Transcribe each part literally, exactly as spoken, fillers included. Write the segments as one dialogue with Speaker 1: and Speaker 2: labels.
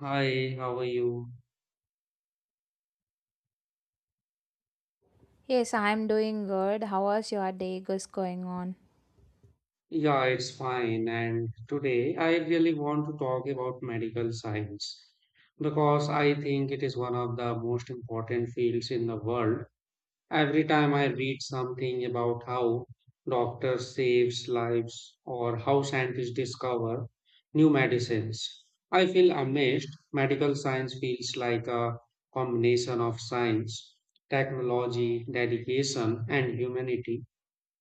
Speaker 1: Hi, how are you?
Speaker 2: Yes, I'm doing good. How was your day is going on?
Speaker 1: Yeah, it's fine. And today I really want to talk about medical science because I think it is one of the most important fields in the world. Every time I read something about how doctors saves lives or how scientists discover new medicines, I feel amazed. Medical science feels like a combination of science, technology, dedication, and humanity.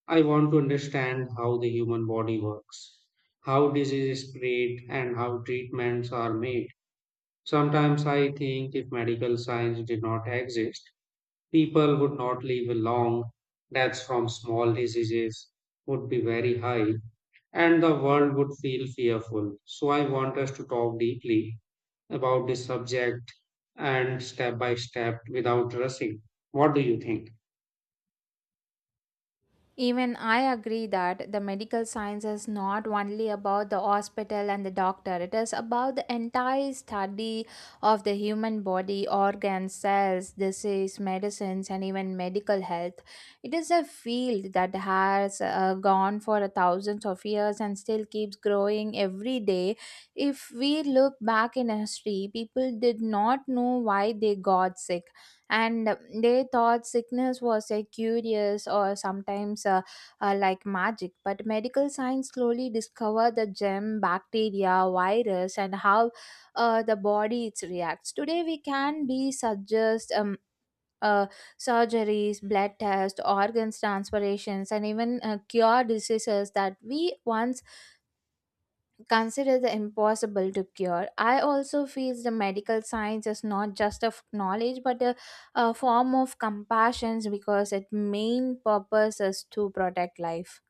Speaker 1: I want to understand how the human body works, how disease is spread, and how treatments are made. Sometimes I think if medical science did not exist, people would not live long. Deaths from small diseases would be very high, and the world would feel fearful. So I want us to talk deeply about this subject and step by step without rushing. What do you think?
Speaker 2: Even I agree that the medical science is not only about the hospital and the doctor. It is about the entire study of the human body, organs, cells, disease, medicines, and even medical health. It is a field that has uh, gone for thousands of years and still keeps growing every day. If we look back in history, people did not know why they got sick and they thought sickness was a curious or sometimes uh, uh, like magic, but medical science slowly discovered the germ bacteria virus and how uh, the body it reacts. Today we can be suggest um, uh, surgeries, blood tests, organs transpirations, and even uh, cure diseases that we once consider the impossible to cure. I also feel the medical science is not just a f- knowledge but a, a form of compassion because its main purpose is to protect life.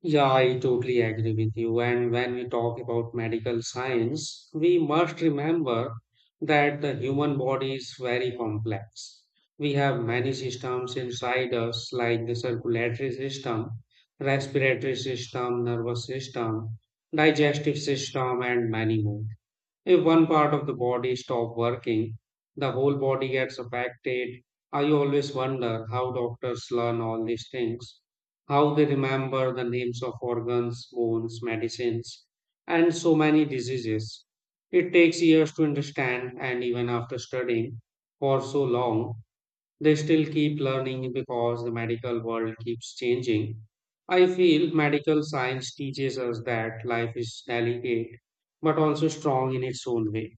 Speaker 1: Yeah, I totally agree with you. And when we talk about medical science, we must remember that the human body is very complex. We have many systems inside us, like the circulatory system, respiratory system, nervous system, digestive system, and many more. If one part of the body stops working, the whole body gets affected. I always wonder how doctors learn all these things, how they remember the names of organs, bones, medicines, and so many diseases. It takes years to understand, and even after studying for so long, they still keep learning because the medical world keeps changing. I feel medical science teaches us that life is delicate but also strong in its own way.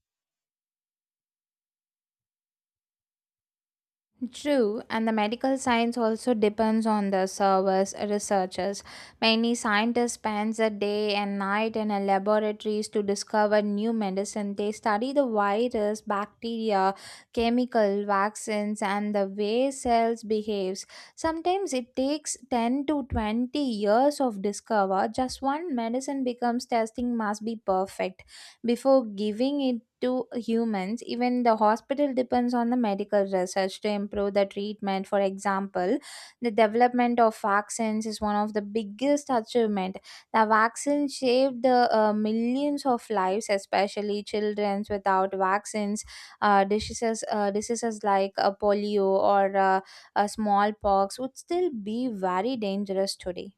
Speaker 2: True, and the medical science also depends on the service researchers. Many scientists spend a day and night in a laboratories to discover new medicine. They study the virus, bacteria, chemical, vaccines, and the way cells behaves. Sometimes it takes ten to twenty years of discover. Just one medicine becomes testing must be perfect before giving it to humans. Even the hospital depends on the medical research to improve the treatment. For example, the development of vaccines is one of the biggest achievement. The vaccine saved the uh, millions of lives, especially childrens without vaccines. Uh, diseases, uh, diseases like uh, polio or uh, uh, smallpox would still be very dangerous today.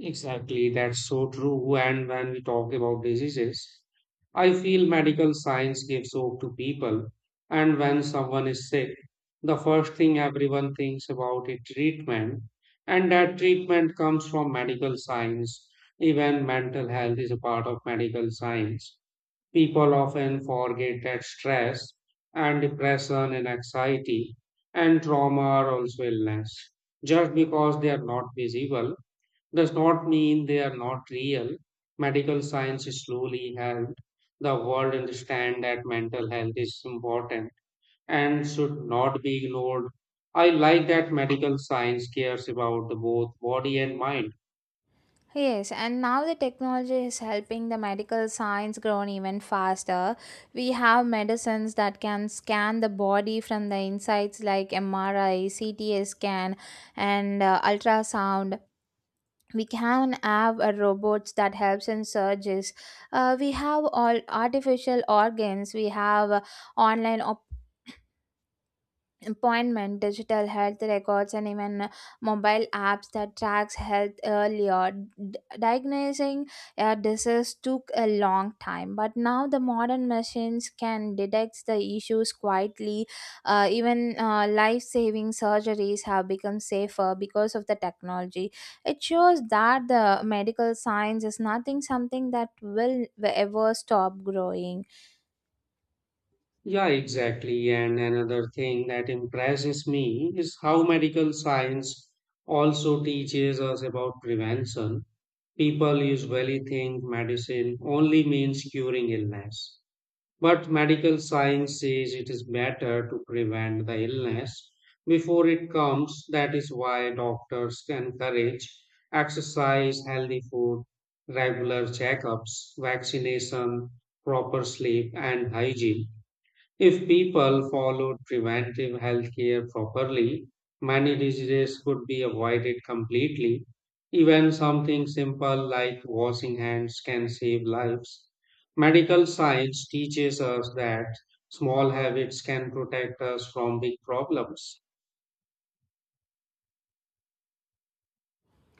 Speaker 1: Exactly, that's so true. And when we talk about diseases, I feel medical science gives hope to people. And when someone is sick, the first thing everyone thinks about is treatment. And that treatment comes from medical science. Even mental health is a part of medical science. People often forget that stress and depression and anxiety and trauma are also illness. Just because they are not visible does not mean they are not real. Medical science slowly helped the world understand that mental health is important and should not be ignored. I like that medical science cares about the both body and mind.
Speaker 2: Yes, and now the technology is helping the medical science grow even faster. We have medicines that can scan the body from the insides like M R I, C T scan, and uh, ultrasound. We can have uh, robots that helps in surgeries. Uh, we have all artificial organs. We have uh, online appointment digital health records and even uh, mobile apps that tracks health earlier. D- diagnosing a disease took a long time, but now the modern machines can detect the issues quietly. Uh, even uh, life-saving surgeries have become safer because of the technology. It shows that the medical science is nothing something that will ever stop growing.
Speaker 1: Yeah, exactly. And another thing that impresses me is how medical science also teaches us about prevention. People usually think medicine only means curing illness, but medical science says it is better to prevent the illness before it comes. That is why doctors encourage exercise, healthy food, regular checkups, vaccination, proper sleep, and hygiene. If people followed preventive healthcare properly, many diseases could be avoided completely. Even something simple like washing hands can save lives. Medical science teaches us that small habits can protect us from big problems.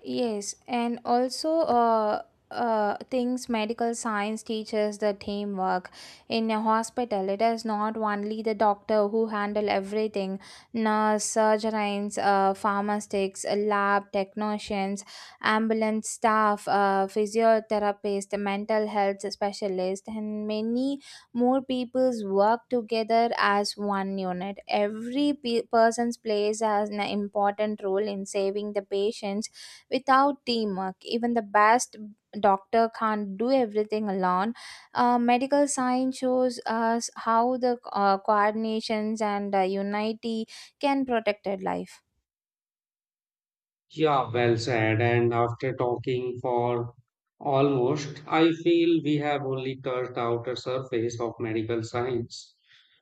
Speaker 2: Yes, and also uh, uh, things medical science teaches the teamwork. In a hospital, it is not only the doctor who handle everything, nurse, surgeons, uh, pharmacists, lab technicians, ambulance staff, uh, physiotherapist, mental health specialist, and many more peoples work together as one unit. Every pe- person's plays as an important role in saving the patients. Without teamwork, even the best doctor can't do everything alone. Uh, medical science shows us how the uh, coordinations and uh, unity can protect a life.
Speaker 1: Yeah, well said. And after talking for almost, I feel we have only touched outer surface of medical science.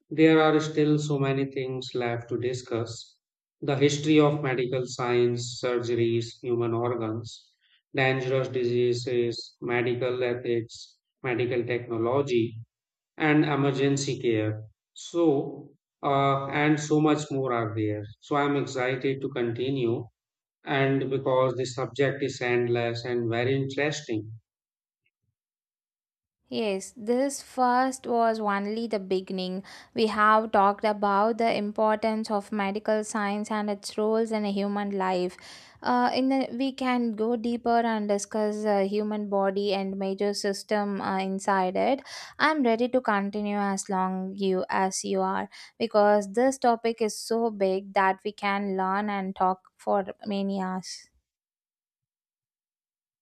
Speaker 1: There are still so many things left to discuss the history of medical science, surgeries, human organs, dangerous diseases, medical ethics, medical technology, and emergency care. So, uh, and so much more are there. So, I'm excited to continue, and because the subject is endless and very interesting.
Speaker 2: Yes, this first was only the beginning. We have talked about the importance of medical science and its roles in a human life. Uh, in the, we can go deeper and discuss the human body and major system uh, inside it. I'm ready to continue as long you as you are because this topic is so big that we can learn and talk for many hours.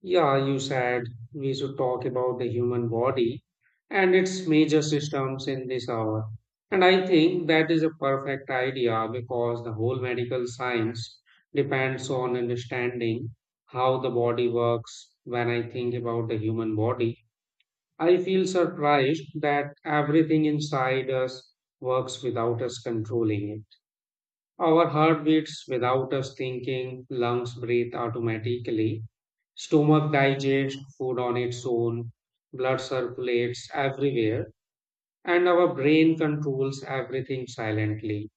Speaker 1: Yeah, you said we should talk about the human body and its major systems in this hour. And I think that is a perfect idea because the whole medical science depends on understanding how the body works. When I think about the human body, I feel surprised that everything inside us works without us controlling it. Our heart beats without us thinking, lungs breathe automatically. Stomach digests food on its own, blood circulates everywhere, and our brain controls everything silently.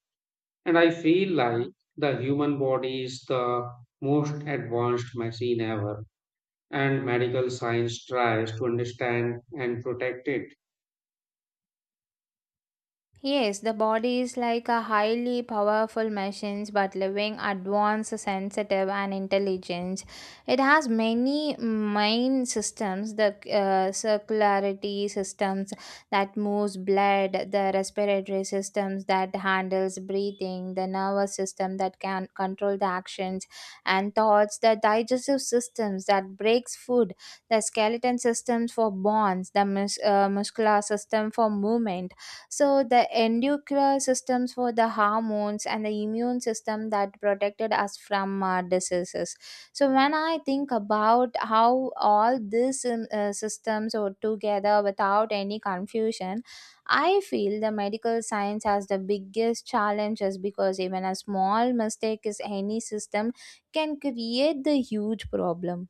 Speaker 1: And I feel like the human body is the most advanced machine ever, and medical science tries to understand and protect it.
Speaker 2: Yes, the body is like a highly powerful machine, but living advanced, sensitive, and intelligent. It has many main systems: the uh, circularity systems that moves blood, the respiratory systems that handles breathing, the nervous system that can control the actions and thoughts, the digestive systems that breaks food, the skeleton systems for bones, the mus- uh, muscular system for movement, so the endocrine systems for the hormones, and the immune system that protected us from uh, diseases. So when I think about how all these um, uh, systems are together without any confusion, I feel the medical science has the biggest challenges because even a small mistake is any system can create the huge problem.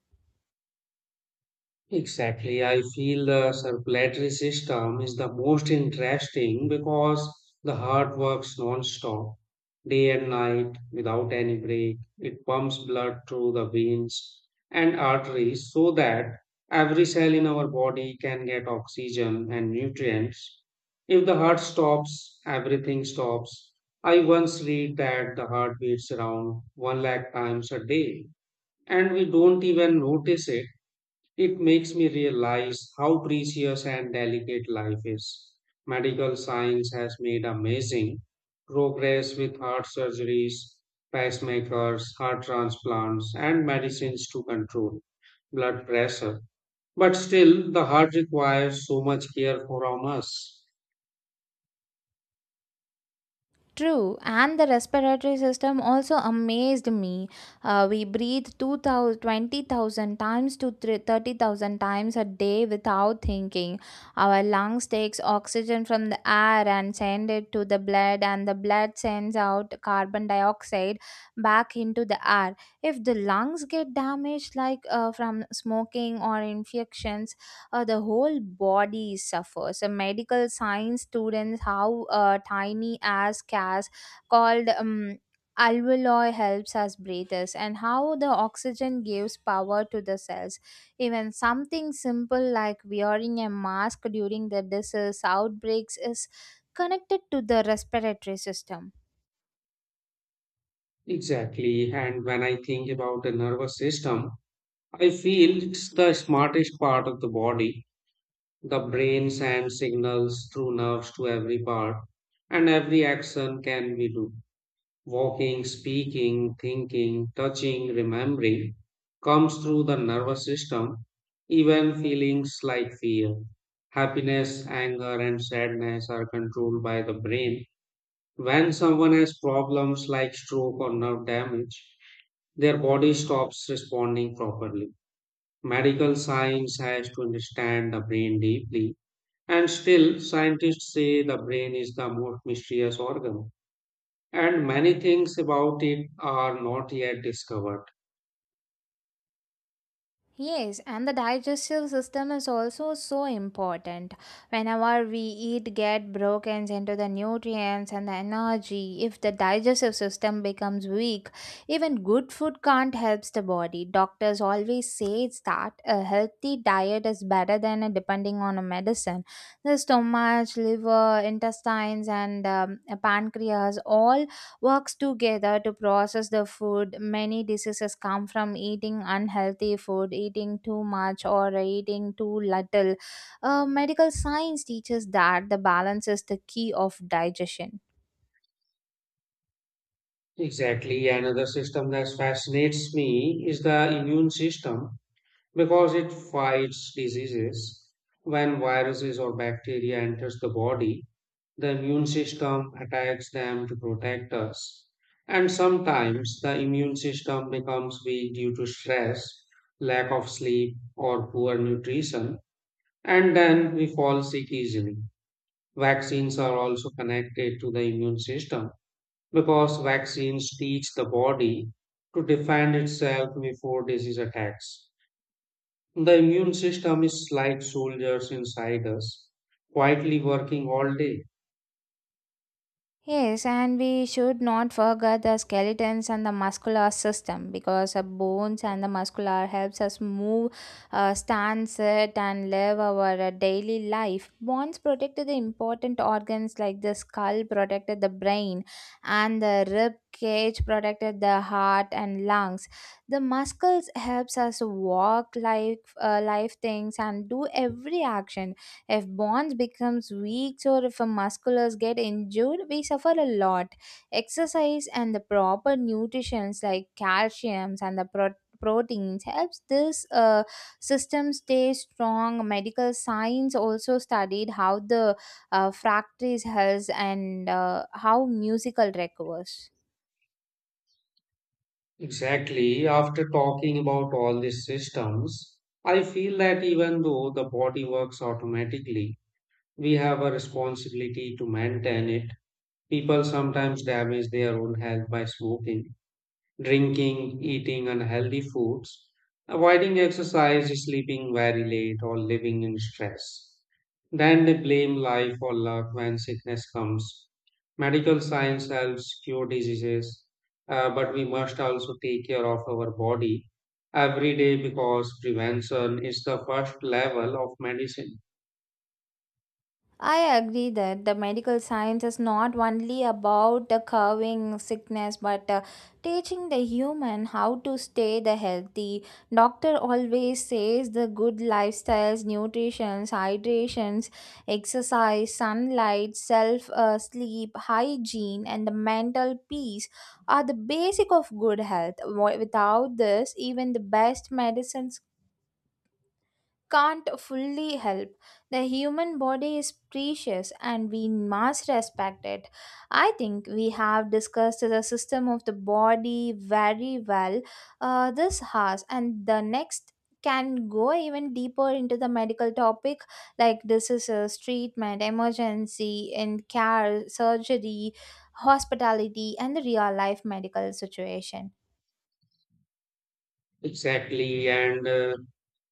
Speaker 1: Exactly. I feel the circulatory system is the most interesting because the heart works non-stop, day and night, without any break. It pumps blood through the veins and arteries so that every cell in our body can get oxygen and nutrients. If the heart stops, everything stops. I once read that the heart beats around one lakh times a day, and we don't even notice it. It makes me realize how precious and delicate life is. Medical science has made amazing progress with heart surgeries, pacemakers, heart transplants, and medicines to control blood pressure. But still, the heart requires so much care from us.
Speaker 2: True, and the respiratory system also amazed me. Uh, we breathe two thousand, twenty thousand times to thir- thirty thousand times a day without thinking. Our lungs takes oxygen from the air and send it to the blood, and the blood sends out carbon dioxide back into the air. If the lungs get damaged like uh, from smoking or infections, uh, the whole body suffers. So medical science students how uh, tiny as cas called um, alveoli helps us breathers and how the oxygen gives power to the cells. Even something simple like wearing a mask during the disease outbreaks is connected to the respiratory system.
Speaker 1: Exactly. And when I think about the nervous system, I feel it's the smartest part of the body. The brain sends signals through nerves to every part, and every action can we do. Walking, speaking, thinking, touching, remembering comes through the nervous system. Even feelings like fear, happiness, anger, and sadness are controlled by the brain. When someone has problems like stroke or nerve damage, their body stops responding properly. Medical science has to understand the brain deeply, and still, scientists say the brain is the most mysterious organ, and many things about it are not yet discovered.
Speaker 2: Yes, and the digestive system is also so important. Whenever we eat, get broken into the nutrients and the energy. If the digestive system becomes weak, even good food can't help the body. Doctors always say that a healthy diet is better than a depending on a medicine. The stomach, liver, intestines, and um, pancreas all works together to process the food. Many diseases come from eating unhealthy food, eating too much, or eating too little. Uh, medical science teaches that the balance is the key of digestion.
Speaker 1: Exactly, another system that fascinates me is the immune system because it fights diseases. When viruses or bacteria enters the body, the immune system attacks them to protect us. And sometimes the immune system becomes weak due to stress, lack of sleep, or poor nutrition. And then we fall sick easily. Vaccines are also connected to the immune system because vaccines teach the body to defend itself before disease attacks. The immune system is like soldiers inside us, quietly working all day.
Speaker 2: Yes, and we should not forget the skeletons and the muscular system because the bones and the muscular helps us move, uh, stand, sit, and live our uh, daily life. Bones protected the important organs like the skull protected the brain, and the rib cage protected the heart and lungs. The muscles helps us walk, like uh, life things, and do every action. If bonds becomes weak or if our musculars get injured, we suffer a lot. Exercise and the proper nutritions like calciums and the pro- proteins helps this uh, system stay strong. Medical science also studied how the uh, fractures health and uh, how musical recovers.
Speaker 1: Exactly, after talking about all these systems, I feel that even though the body works automatically, we have a responsibility to maintain it. People sometimes damage their own health by smoking, drinking, eating unhealthy foods, avoiding exercise, sleeping very late, or living in stress. Then they blame life or luck when sickness comes. Medical science helps cure diseases, uh, but we must also take care of our body every day because prevention is the first level of medicine.
Speaker 2: I agree that the medical science is not only about the curing sickness but uh, teaching the human how to stay the healthy. Doctor always says the good lifestyles, nutritions, hydrations, exercise, sunlight, self uh, sleep, hygiene, and the mental peace are the basic of good health. Wi- Without this, even the best medicines can't fully help. The human body is precious, and we must respect it. I think we have discussed the system of the body very well uh, this has, and the next can go even deeper into the medical topic like diseases, treatment, emergency, and care, surgery, hospitality, and the real life medical situation.
Speaker 1: Exactly. And uh,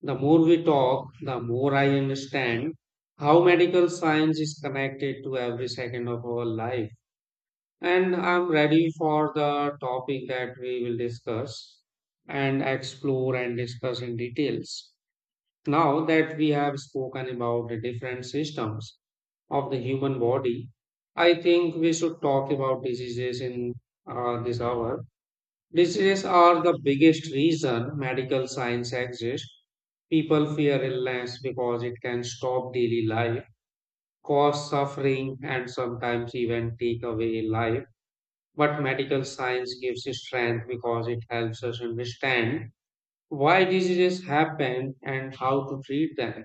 Speaker 1: the more we talk, the more I understand how medical science is connected to every second of our life. And I'm ready for the topic that we will discuss and explore and discuss in details. Now that we have spoken about the different systems of the human body, I think we should talk about diseases in uh, this hour. Diseases are the biggest reason medical science exists. People fear illness because it can stop daily life, cause suffering, and sometimes even take away life. But medical science gives us strength because it helps us understand why diseases happen and how to treat them.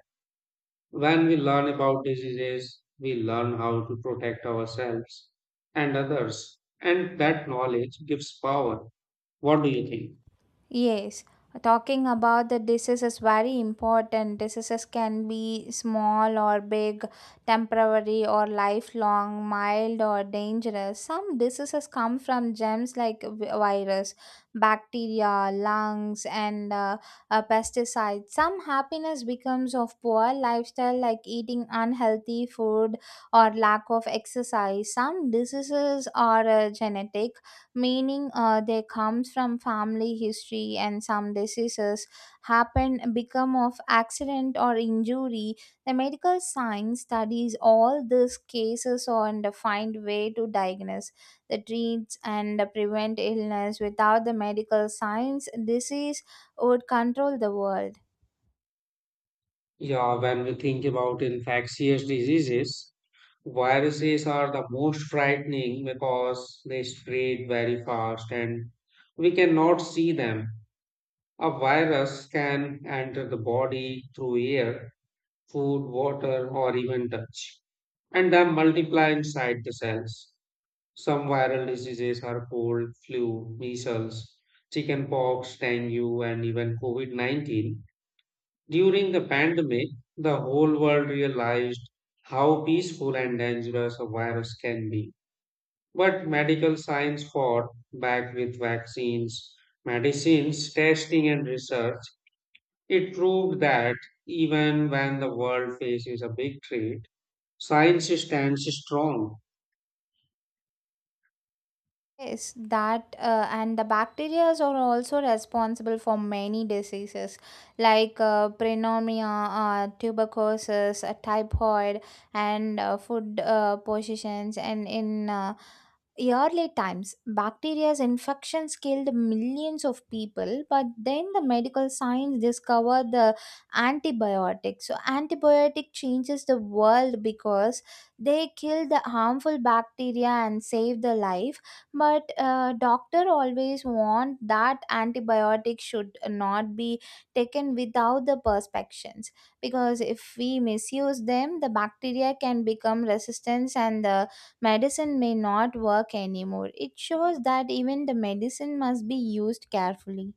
Speaker 1: When we learn about diseases, we learn how to protect ourselves and others, and that knowledge gives power. What do you think?
Speaker 2: Yes, talking about the disease is very important. Diseases can be small or big, temporary or lifelong, mild or dangerous. Some diseases come from germs like vi- virus, bacteria, lungs, and uh, uh, pesticides. Some happiness becomes of poor lifestyle like eating unhealthy food or lack of exercise. Some diseases are uh, genetic, meaning uh, they comes from family history, and some diseases happen become of accident or injury. The medical science studies all these cases and find way to diagnose the treats and prevent illness. Without the medical science, disease would control the world.
Speaker 1: Yeah, when we think about infectious diseases, viruses are the most frightening because they spread very fast and we cannot see them. A virus can enter the body through air, food, water, or even touch, and then multiply inside the cells. Some viral diseases are cold, flu, measles, chickenpox, dengue, and even COVID nineteen. During the pandemic, the whole world realized how peaceful and dangerous a virus can be. But medical science fought back with vaccines, medicines, testing, and research. It proved that even when the world faces a big threat, science stands strong.
Speaker 2: Yes, that uh, and the bacteria are also responsible for many diseases like uh, pneumonia, uh, tuberculosis, uh, typhoid, and uh, food uh, poisons. And in uh, early times, bacteria's infections killed millions of people. But then the medical science discovered the antibiotics. So antibiotic changes the world because they kill the harmful bacteria and save the life, but uh, doctor always warned that antibiotic should not be taken without the perspections because if we misuse them, the bacteria can become resistant and the medicine may not work anymore. It shows that even the medicine must be used carefully.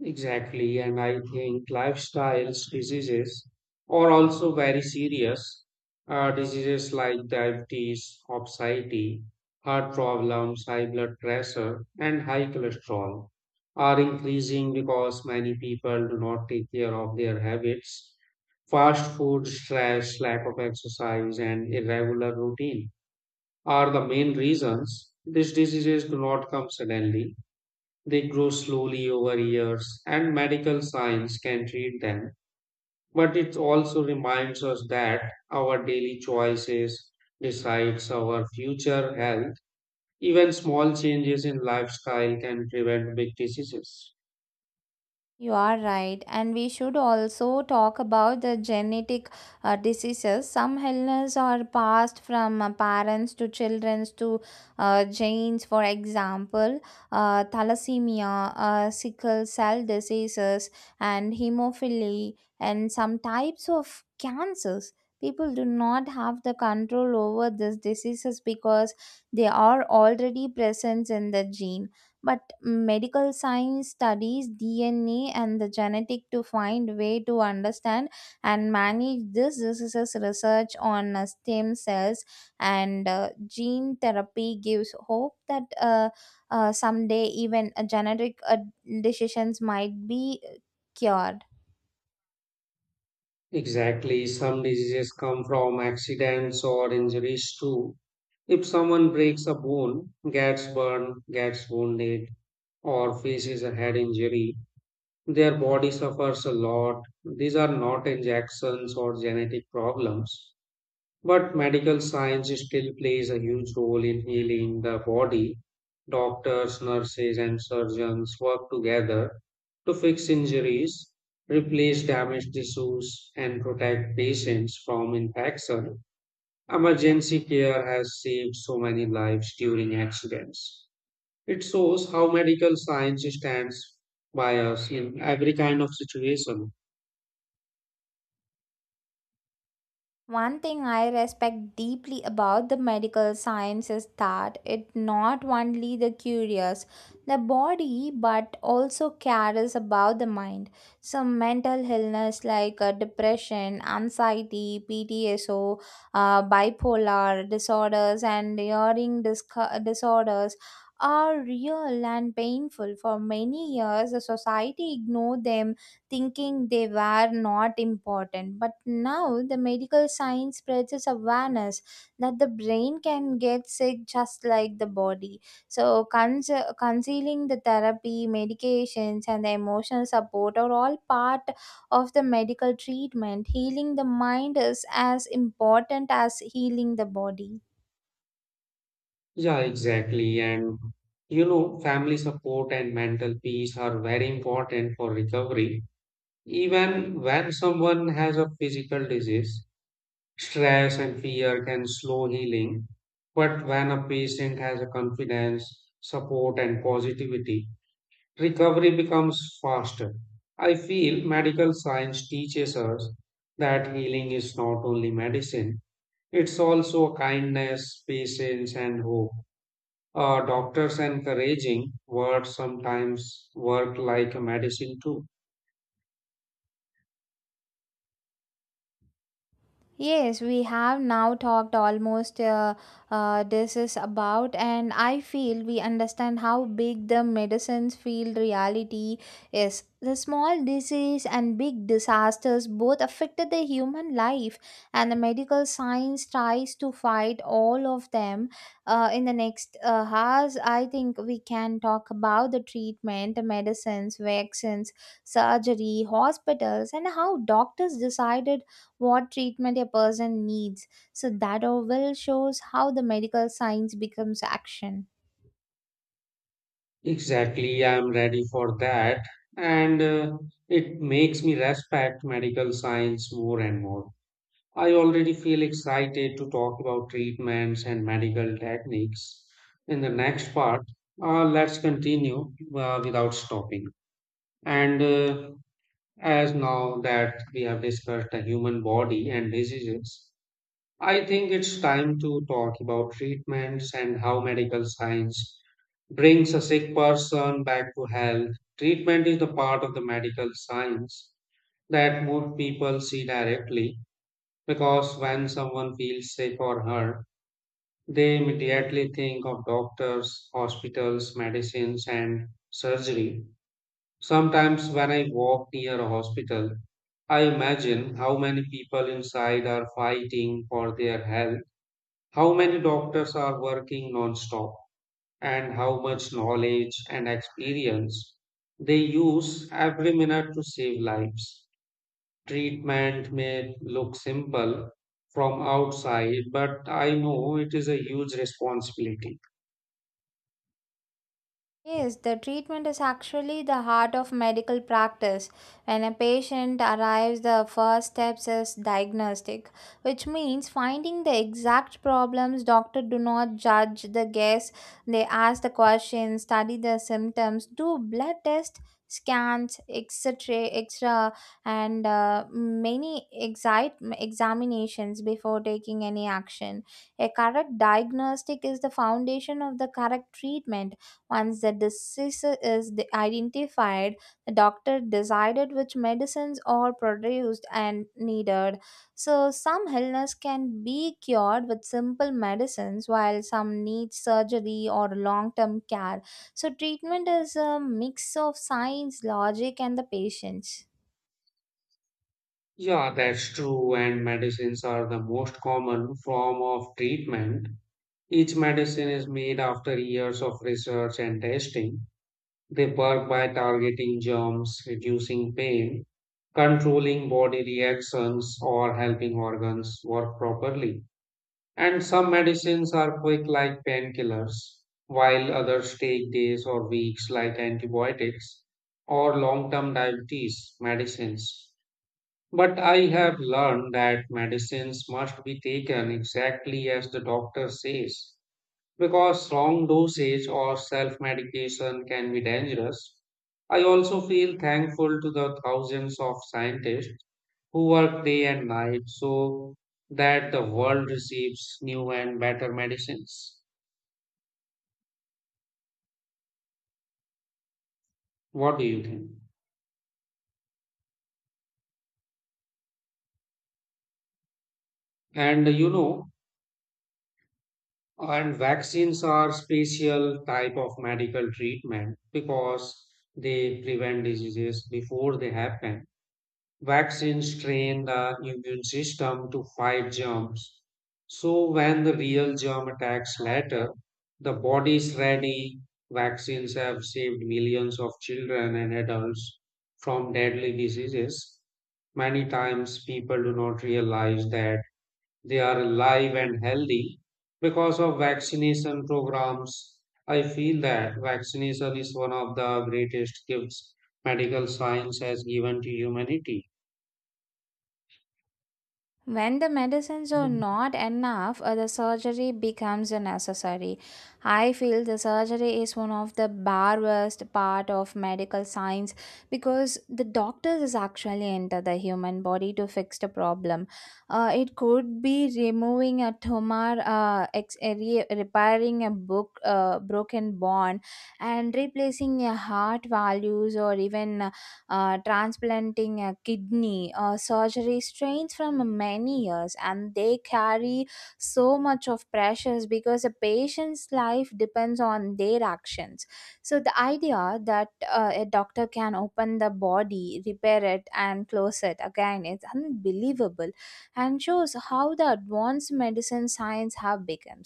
Speaker 1: Exactly, and I think lifestyles diseases are also very serious. Uh, diseases like diabetes, obesity, heart problems, high blood pressure, and high cholesterol are increasing because many people do not take care of their habits. Fast food, stress, lack of exercise, and irregular routine are the main reasons these diseases do not come suddenly. They grow slowly over years, and medical science can treat them. But it also reminds us that our daily choices decides our future health. Even small changes in lifestyle can prevent big diseases.
Speaker 2: You are right, and we should also talk about the genetic uh, diseases. Some illnesses are passed from uh, parents to children to uh, genes. For example, uh, thalassemia, uh, sickle cell diseases, and hemophilia, and some types of cancers. People do not have the control over these diseases because they are already present in the gene, but medical science studies D N A and the genetic to find way to understand and manage this this is a research on uh, stem cells, and uh, gene therapy gives hope that uh, uh, someday even uh, genetic uh, decisions might be uh, cured.
Speaker 1: Exactly, some diseases come from accidents or injuries too. If someone breaks a bone, gets burned, gets wounded, or faces a head injury, their body suffers a lot. These are not injections or genetic problems, but medical science still plays a huge role in healing the body. Doctors, nurses, and surgeons work together to fix injuries, replace damaged tissues, and protect patients from infection. Emergency care has saved so many lives during accidents. It shows how medical science stands by us in every kind of situation.
Speaker 2: One thing I respect deeply about the medical science is that it not only the curious the body but also cares about the mind. Some mental illness like uh, depression, anxiety, P T S O, uh, bipolar disorders, and hearing disco- disorders are real and painful. For many years, the society ignored them, thinking they were not important. But now the medical science spreads its awareness that the brain can get sick just like the body. So, cons- concealing the therapy, medications, and the emotional support are all part of the medical treatment. Healing the mind is as important as healing the body.
Speaker 1: Yeah, exactly. And you know, family support and mental peace are very important for recovery. Even when someone has a physical disease, stress and fear can slow healing. But when a patient has a confidence, support, and positivity, recovery becomes faster. I feel medical science teaches us that healing is not only medicine, it's also kindness, patience, and hope. Uh, doctors' encouraging words sometimes work like a medicine too.
Speaker 2: Yes, we have now talked almost uh, uh, this is about, and I feel we understand how big the medicines field reality is. The small disease and big disasters both affected the human life, and the medical science tries to fight all of them. Uh, in the next uh, hours, I think we can talk about the treatment, the medicines, vaccines, surgery, hospitals, and how doctors decided what treatment a person needs. So that all will shows how the medical science becomes action.
Speaker 1: Exactly, I am ready for that, and uh, it makes me respect medical science more and more. I already feel excited to talk about treatments and medical techniques. In the next part, uh, let's continue uh, without stopping. And uh, as now that we have discussed the human body and diseases, I think it's time to talk about treatments and how medical science brings a sick person back to health. Treatment is the part of the medical science that most people see directly because when someone feels safe or hurt, they immediately think of doctors, hospitals, medicines, and surgery. Sometimes, when I walk near a hospital, I imagine how many people inside are fighting for their health, how many doctors are working non-stop, and how much knowledge and experience they use every minute to save lives. Treatment may look simple from outside, but I know it is a huge responsibility.
Speaker 2: Yes, the treatment is actually the heart of medical practice. When a patient arrives, the first steps is diagnostic, which means finding the exact problems. Doctor do not judge the guess. They ask the questions, study the symptoms, do blood test, scans, et cetera, extra, and uh, many excite examinations before taking any action. A correct diagnostic is the foundation of the correct treatment. Once the disease is de- identified, the doctor decided which medicines are produced and needed. So, some illness can be cured with simple medicines, while some need surgery or long term care. So, treatment is a mix of science, logic, and the patience.
Speaker 1: Yeah, that's true, and medicines are the most common form of treatment. Each medicine is made after years of research and testing. They work by targeting germs, reducing pain, controlling body reactions, or helping organs work properly. And some medicines are quick, like painkillers, while others take days or weeks, like antibiotics or long term diabetes medicines. But I have learned that medicines must be taken exactly as the doctor says, because wrong dosage or self medication can be dangerous. I also feel thankful to the thousands of scientists who work day and night so that the world receives new and better medicines. What do you think? And you know, and vaccines are special type of medical treatment because they prevent diseases before they happen. Vaccines train the immune system to fight germs. So, when the real germ attacks later, the body is ready. Vaccines have saved millions of children and adults from deadly diseases. Many times, people do not realize that they are alive and healthy because of vaccination programs. I feel that vaccination is one of the greatest gifts medical science has given to humanity.
Speaker 2: When the medicines are
Speaker 1: Mm.
Speaker 2: not enough, uh, the surgery becomes a necessary. I feel the surgery is one of the barbarest part of medical science because the doctors is actually enter the human body to fix the problem. Uh, it could be removing a tumor, uh, ex- uh, re- repairing a book, uh, broken bone, and replacing a heart values, or even uh, transplanting a kidney or surgery strains from many years, and they carry so much of pressures because a patient's life depends on their actions. So the idea that uh, a doctor can open the body repair it and close it again is unbelievable and shows how the advanced medicine science have become.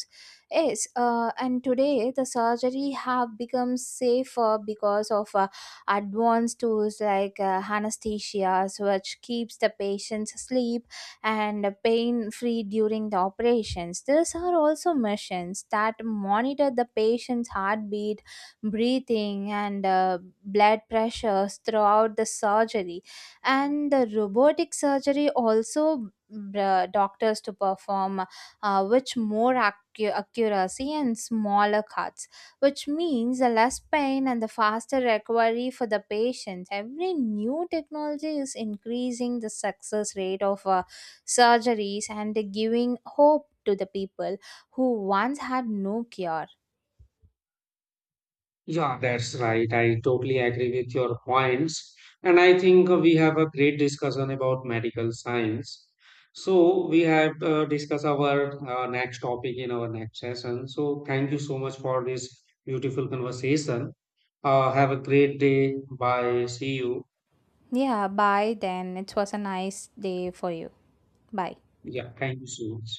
Speaker 2: Yes, uh, and today the surgery have become safer because of uh, advanced tools like uh, anesthesia, which keeps the patient's asleep and pain free during the operations. These are also machines that monitor the patient's heartbeat, breathing, and uh, blood pressures throughout the surgery. And the robotic surgery also uh, doctors to perform uh, which more accu- accuracy and smaller cuts, which means the less pain and the faster recovery for the patient. Every new technology is increasing the success rate of uh, surgeries and giving hope to the people who once had no cure.
Speaker 1: Yeah, that's right. I totally agree with your points. And I think uh, we have a great discussion about medical science. So we have uh, discussed our uh, next topic in our next session. So thank you so much for this beautiful conversation. Uh, have a great day. Bye. See you.
Speaker 2: Yeah, bye then. It was a nice day for you. Bye.
Speaker 1: Yeah, thank you so much.